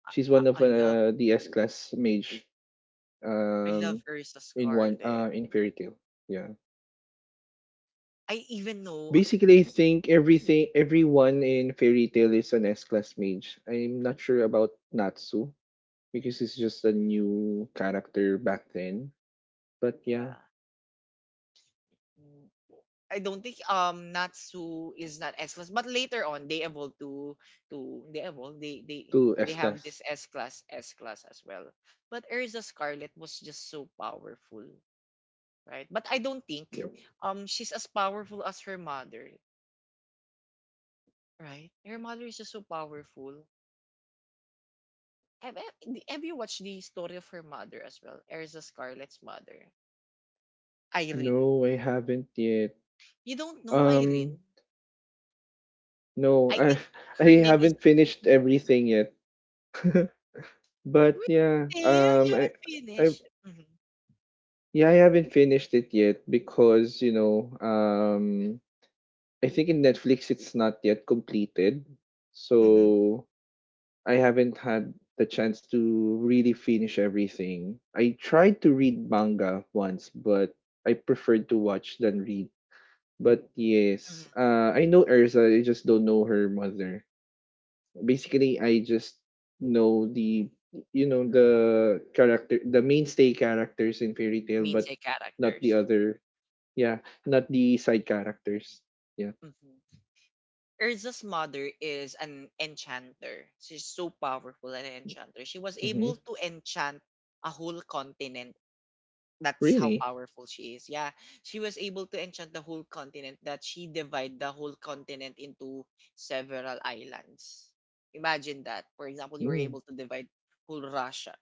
She's one of I love. The S class mage I love um Ursa in one Scarlet. uh in Fairy Tail. Yeah. I even know, Basically, I think everything everyone in Fairy Tail is an S class mage. I'm not sure about Natsu because it's just a new character back then. But yeah, yeah. Mm, I don't think Natsu is not S class, but later on they evolve to they evolve two they S have class. this S class as well. But Erza Scarlet was just so powerful, right? But I don't think Yep. She's as powerful as her mother, right? Her mother is just so powerful. Have you watched the story of her mother as well? Erza Scarlet's mother, Irene. No, I haven't yet. You don't know Um, Irene? No, I I think I her name is. haven't finished everything yet. But yeah, Really? You haven't I finished? Mm-hmm. yeah, I haven't finished it yet because, I think in Netflix it's not yet completed. Mm-hmm. So I haven't had the chance to really finish everything. I tried to read manga once, but I preferred to watch than read. But yes, Mm-hmm. I know Erza, I just don't know her mother. Basically, I just know the, you know, the character, the mainstay characters in Fairy tale but Meansay not the characters. other. Yeah, not the side characters. Yeah. Mm-hmm. Urza's mother is an enchanter. She's so powerful an enchanter. She was Hmm. able to enchant a whole continent. That's how Really. powerful she is. Yeah. She was able to enchant the whole continent that she divide the whole continent into several islands. Imagine that. For example, you were Mm. able to divide whole Russia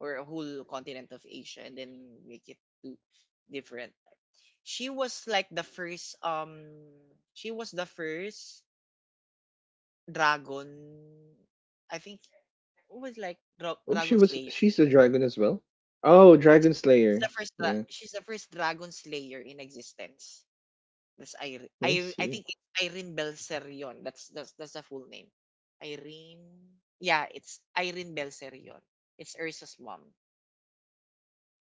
or a whole continent of Asia and then make it two different. She was like the first she was the first dragon, I think, who was like Oh, she dragon was slayer. she's a dragon as well. Oh, She's dragon she's the slayer. first dra- Yeah, she's the first dragon slayer in existence. That's Irene. I I see. think it's Irene Belserion. That's that's the full name. Irene. Yeah, it's Irene Belserion. It's Ursa's mom,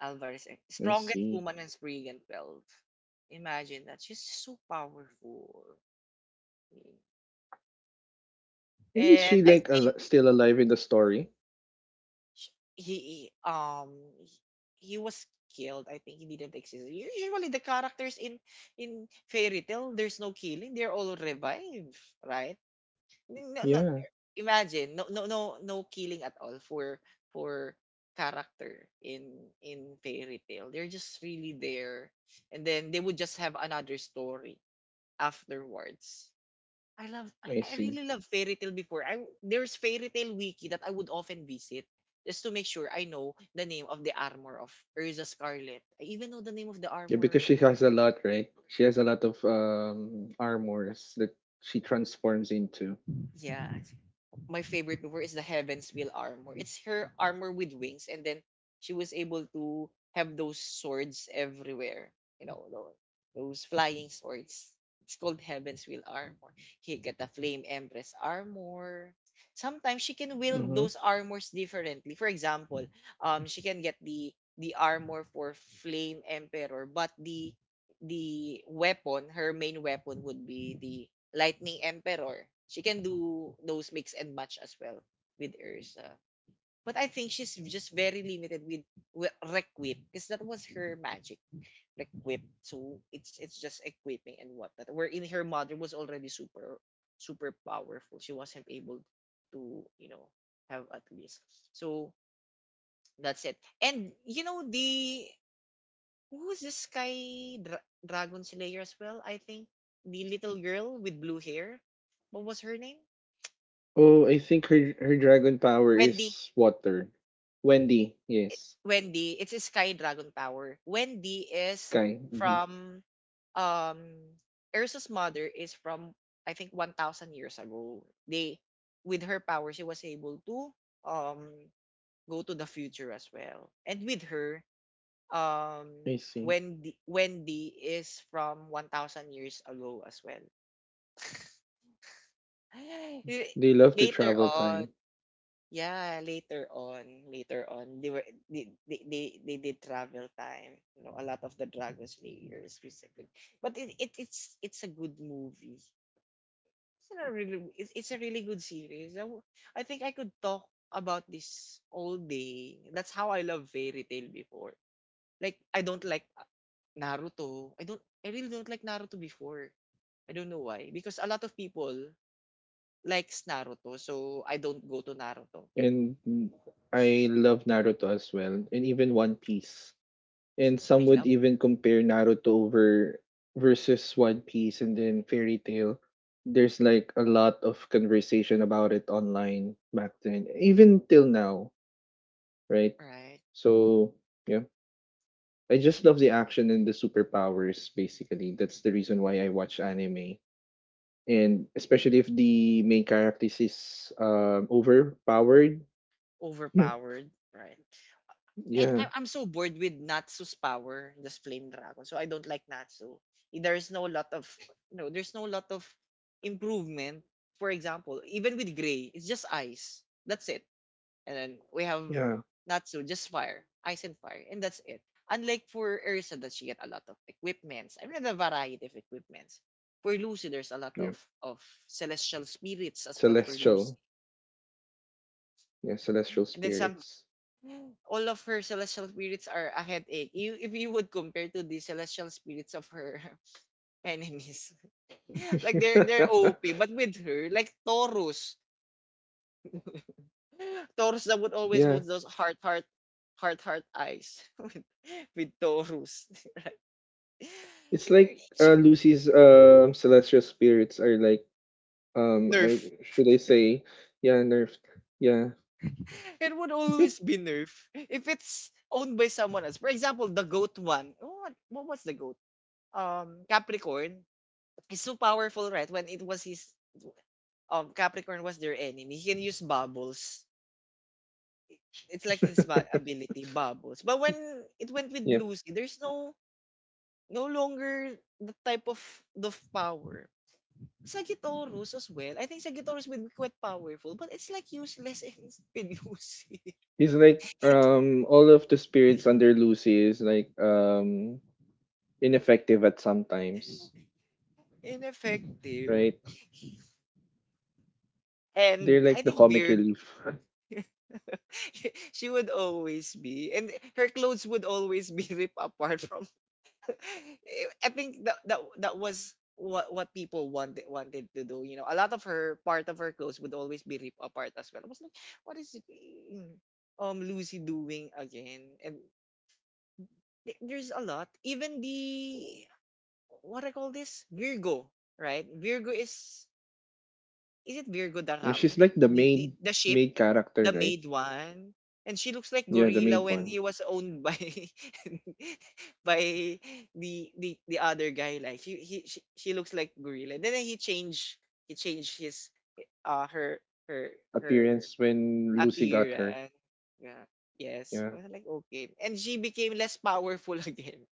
Alvarez. I Strongest see. woman in Spriggan 12. Imagine that. She's so powerful. And is she And I like, think still alive in the story? sh- he um he was killed. I think he didn't exist. Usually the characters in Fairy tale, there's no killing. They're all revived, right? no, no, Yeah, Imagine no killing at all for character in Fairy tale they're just really there, and then they would just have another story afterwards. I I see. really love Fairy tale before. I There's Fairy tale wiki that I would often visit just to make sure I know the name of the armor of Urza Scarlet. I even know the name of the Yeah, armor because she she had. has a lot, right? She has a lot of armors that she transforms into. Yeah. My favorite mover is the Heaven's Will armor. It's her armor with wings, and then she was able to have those swords everywhere. You know, those flying swords. It's called Heaven's Will armor. He get the Flame Empress armor. Sometimes she can wield Mhm. those armors differently. For example, she can get the armor for Flame Emperor, but the weapon, her main weapon would be the Lightning Emperor. She can do those mix and match as well with Ursa. But I think she's just very limited with Requip because that was her magic, Requip. So it's just equipping and whatnot. Wherein her mother was already super super powerful. She wasn't able to, you know, have at least. So that's it. And you know the, who's this Dragon Slayer as well? I think the little girl with blue hair. What was her name? Oh, I think her dragon power Wendy. is water. Wendy, yes. Wendy. It's a Sky Dragon Tower. Wendy is Sky. Mhm. from um Ersa's mother is from, I think, 1000 years ago. They, with her power, she was able to um go to the future as well. And with her um I see. Wendy is from 1000 years ago as well. Y- They love to later travel on. time. Yeah, later on, later on, they were they did travel time. You know, a lot of the Dragon Slayers specifically. But it's a good movie. It's a really good series. I think I could talk about this all day. That's how I love Fairy Tail before. Like I don't like Naruto. I really don't like Naruto before. I don't know why because a lot of people likes Naruto, so I don't go to Naruto. And I love Naruto as well. And even One Piece. And some I would love, even compare Naruto over versus One Piece and then Fairy Tail. There's like a lot of conversation about it online back then. Even till now, right? right? So yeah. I just love the action and the superpowers, basically. That's the reason why I watch anime. And especially if the main character is overpowered. Overpowered, right? And Yeah, I'm so bored with Natsu's power, this flame dragon. So I don't like Natsu. There's no lot of, no, there's no lot of improvement. For example, even with Gray, it's just ice. That's it. And then we have yeah, Natsu, just fire, ice and fire, and that's it. Unlike for Ersa that she get a lot of equipments. I mean, a variety of equipments. For Lucy, there's a lot yeah. Of celestial spirits as well for Lucy. Celestial. Yeah, celestial And then some, spirits. all of her celestial spirits are a headache. You, if you would compare to the celestial spirits of her enemies, like they're they're OP, but with her, like Taurus, Taurus that would always Yeah, hold those heart eyes with Taurus. it's like She, Lucy's celestial spirits are like, um, Nerf. I, should I say, yeah, nerfed. Yeah, It would always be Nerf if it's owned by someone else. For example, the goat one. What was the goat? Capricorn is so powerful, right? When it was his Capricorn was their enemy, he can use bubbles. It's like his ability, bubbles. But when it went with yeah. Lucy, there's no no longer the type of the power. Sagittarius as well. I think Sagittarius would be quite powerful, but it's like useless in Lucy. He's like all of the spirits under Lucy is like ineffective at some times, Ineffective. right? They're And I like the think comic Virgo, relief. she would always be, and her clothes would always be ripped apart from. I think that was what what people wanted to do. A lot of her part of her clothes would always be ripped apart as well. I was like, what is it, mm, Lucy doing again? And there's a lot. Even the what I call this Virgo, right? Virgo is it Virgo the You know, ram, she's like the the the, maid the ship. maid character, The right? maid one. And she looks like Yeah, the gorilla maid when one. he was owned by by the other guy. Like he she looks like gorilla. Then he changed his her her her Appearance when Lucy got her. appearance. Yeah. Yes. Yeah. I was like okay. And she became less powerful again.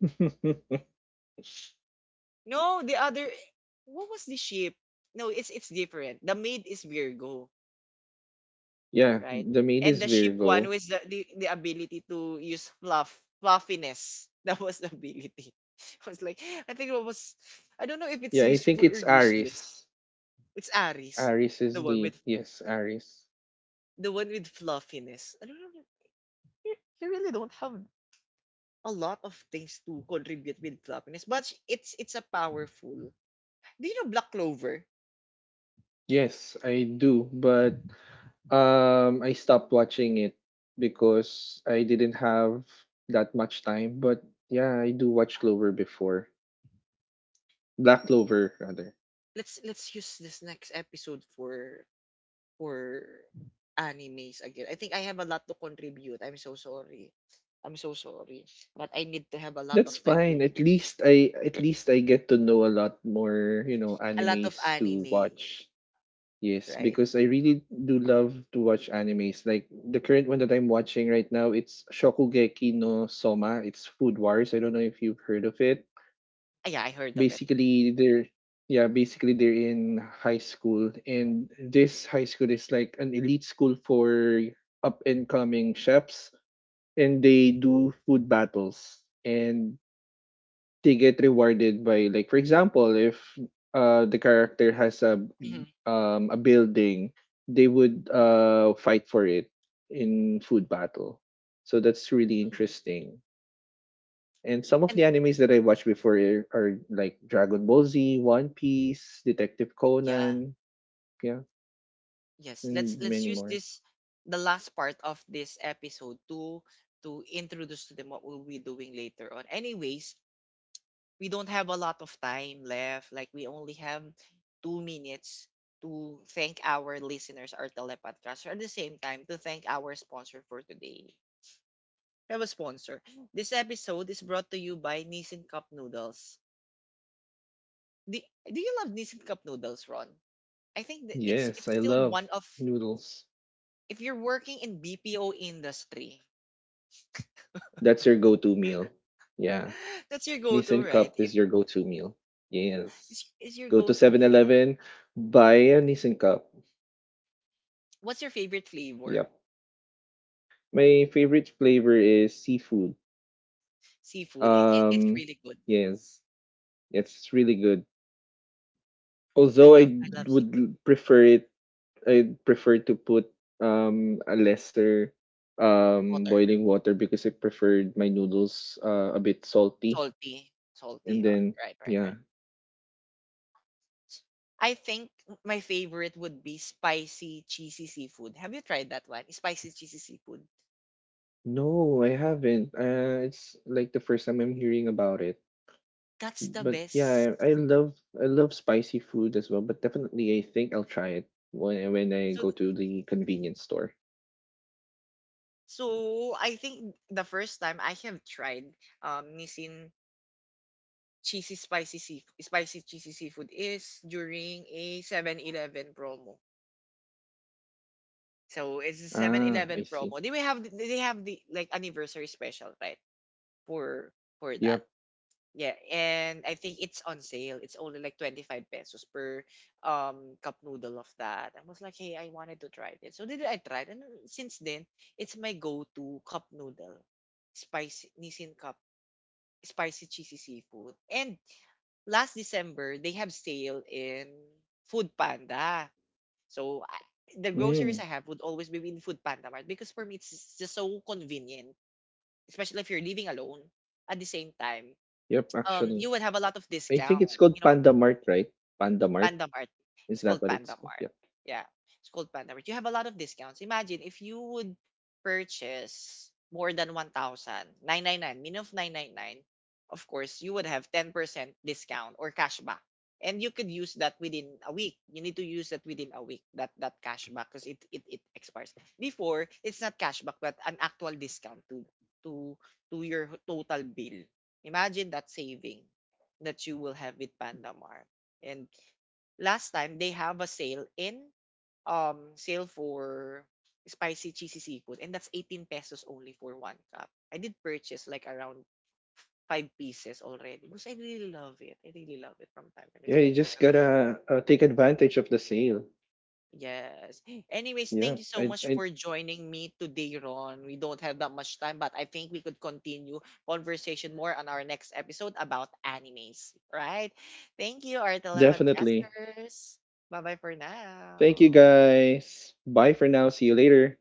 No, the other what was the ship? No, it's different. The maid is Virgo, Yeah, right? the maid And is the sheep one Virgo. was the ability to use fluff, fluffiness. That was the ability. I was like, I think it was, I don't know if it's Yeah, I think useful or it's useless. Aries. It's Aries, Aries the is one the, with yes, Aries. the one with fluffiness. I don't know. You, you really don't have a lot of things to contribute with fluffiness, but it's a powerful. Do you know Black Clover? Yes, I do, but I stopped watching it because I didn't have that much time, but yeah, I do watch Clover before. Black Clover rather. Let's use this next episode for animes again. I think I have a lot to contribute. I'm so sorry. I'm so sorry. But I need to have a lot of That's time to fine. At least I get to know a lot more, you know, a lot of animes to anime, watch. Yes, right? because I really do love to watch animes. Like the current one that I'm watching right now, it's Shokugeki no Soma. It's Food Wars. I don't know if you've heard of it. Ah, yeah, I heard of it. Basically, they're in high school and this high school is like an elite school for up and coming chefs, and they do food battles, and they get rewarded by, like, for example, if the character has a Mhm, um a building, they would mhm, fight for it in food battle. So that's really mhm. interesting. And some of the And animes that I watched before are like Dragon Ball Z, One Piece, Detective yeah, Conan. Yeah, yes. Let's and let's many use more. this the last part of this episode to introduce to them what we'll be doing later on. Anyways, we don't have a lot of time left. Like we only have 2 minutes to thank our listeners, our telepodcasters, at the same time to thank our sponsor for today. We have a sponsor. This episode is brought to you by Nissin Cup Noodles. Do, do you love Nissin Cup Noodles, Ron? I think that it's Yes, it's I still love one of noodles. if you're working in BPO industry, That's your go-to meal. Yeah. that's your go-to, Nissin right? Cup is your go-to meal. Yes. It's your Go to go-to Seven meal. Eleven, buy a Nissin Cup. What's your favorite flavor? Yep. My favorite flavor is seafood. Seafood. It, it's Um, really good. yes, it's really good. Although I I love would seafood. Prefer it, I prefer to put a lesser Water. boiling water because I preferred my noodles a bit salty. Salty. And Salty. Then Right, right, yeah, right. I think my favorite would be spicy cheesy seafood. Have you tried that one? Spicy cheesy seafood. no, I haven't. It's like the first time I'm hearing about it. That's the But best. yeah, I love spicy food as well. But definitely, I think I'll try it when I So go to the convenience store. so I think the first time I have tried Nissin cheesy spicy seafood, spicy cheesy seafood is during a 7-Eleven promo. So it's a Seven Ah, I Eleven see. promo. They will have they have the like anniversary special, right? For for that. Yep. Yeah, and I think it's on sale. It's only like 25 pesos per cup noodle of that. I was like, hey, I wanted to try it. So did I tried and since then it's my go-to cup noodle. Spicy Nissin cup, spicy cheesy seafood. And last December they have sale in Food Panda. So I, the groceries Mm, I have would always be in Food Panda Mart because for me it's just so convenient, especially if you're living alone at the same time yep. Actually, you would have a lot of I think discount. it's called You know, Panda Mart, right? Panda Mart. Panda Mart. Is It's that called what it's Panda called? Mart. Yep. Yeah, it's called Panda Mart. You have a lot of discounts. Imagine if you would purchase more than 1,000 999, minimum of 999, of course, you would have 10% discount or cashback. And you could use that within a week. You need to use that within a week, that that cashback, because it expires. Before, it's not cashback, but an actual discount to to your total bill. Imagine that saving that you will have with Pandamart. And last time they have a sale in sale for spicy cheesy seafood and that's 18 pesos only for one cup. I did purchase like around 5 pieces already because I really love it. I really love it from time to time. Yeah, It's my you go just to. gotta take advantage of the sale. Yes. Anyways, Yeah, thank you so I much I for joining me today, Ron. We don't have that much time, but I think we could continue conversation more on our next episode about animes, right? Thank you, our definitely. telepodcasters. Bye bye for Thank you now. guys. Bye for now. See you later.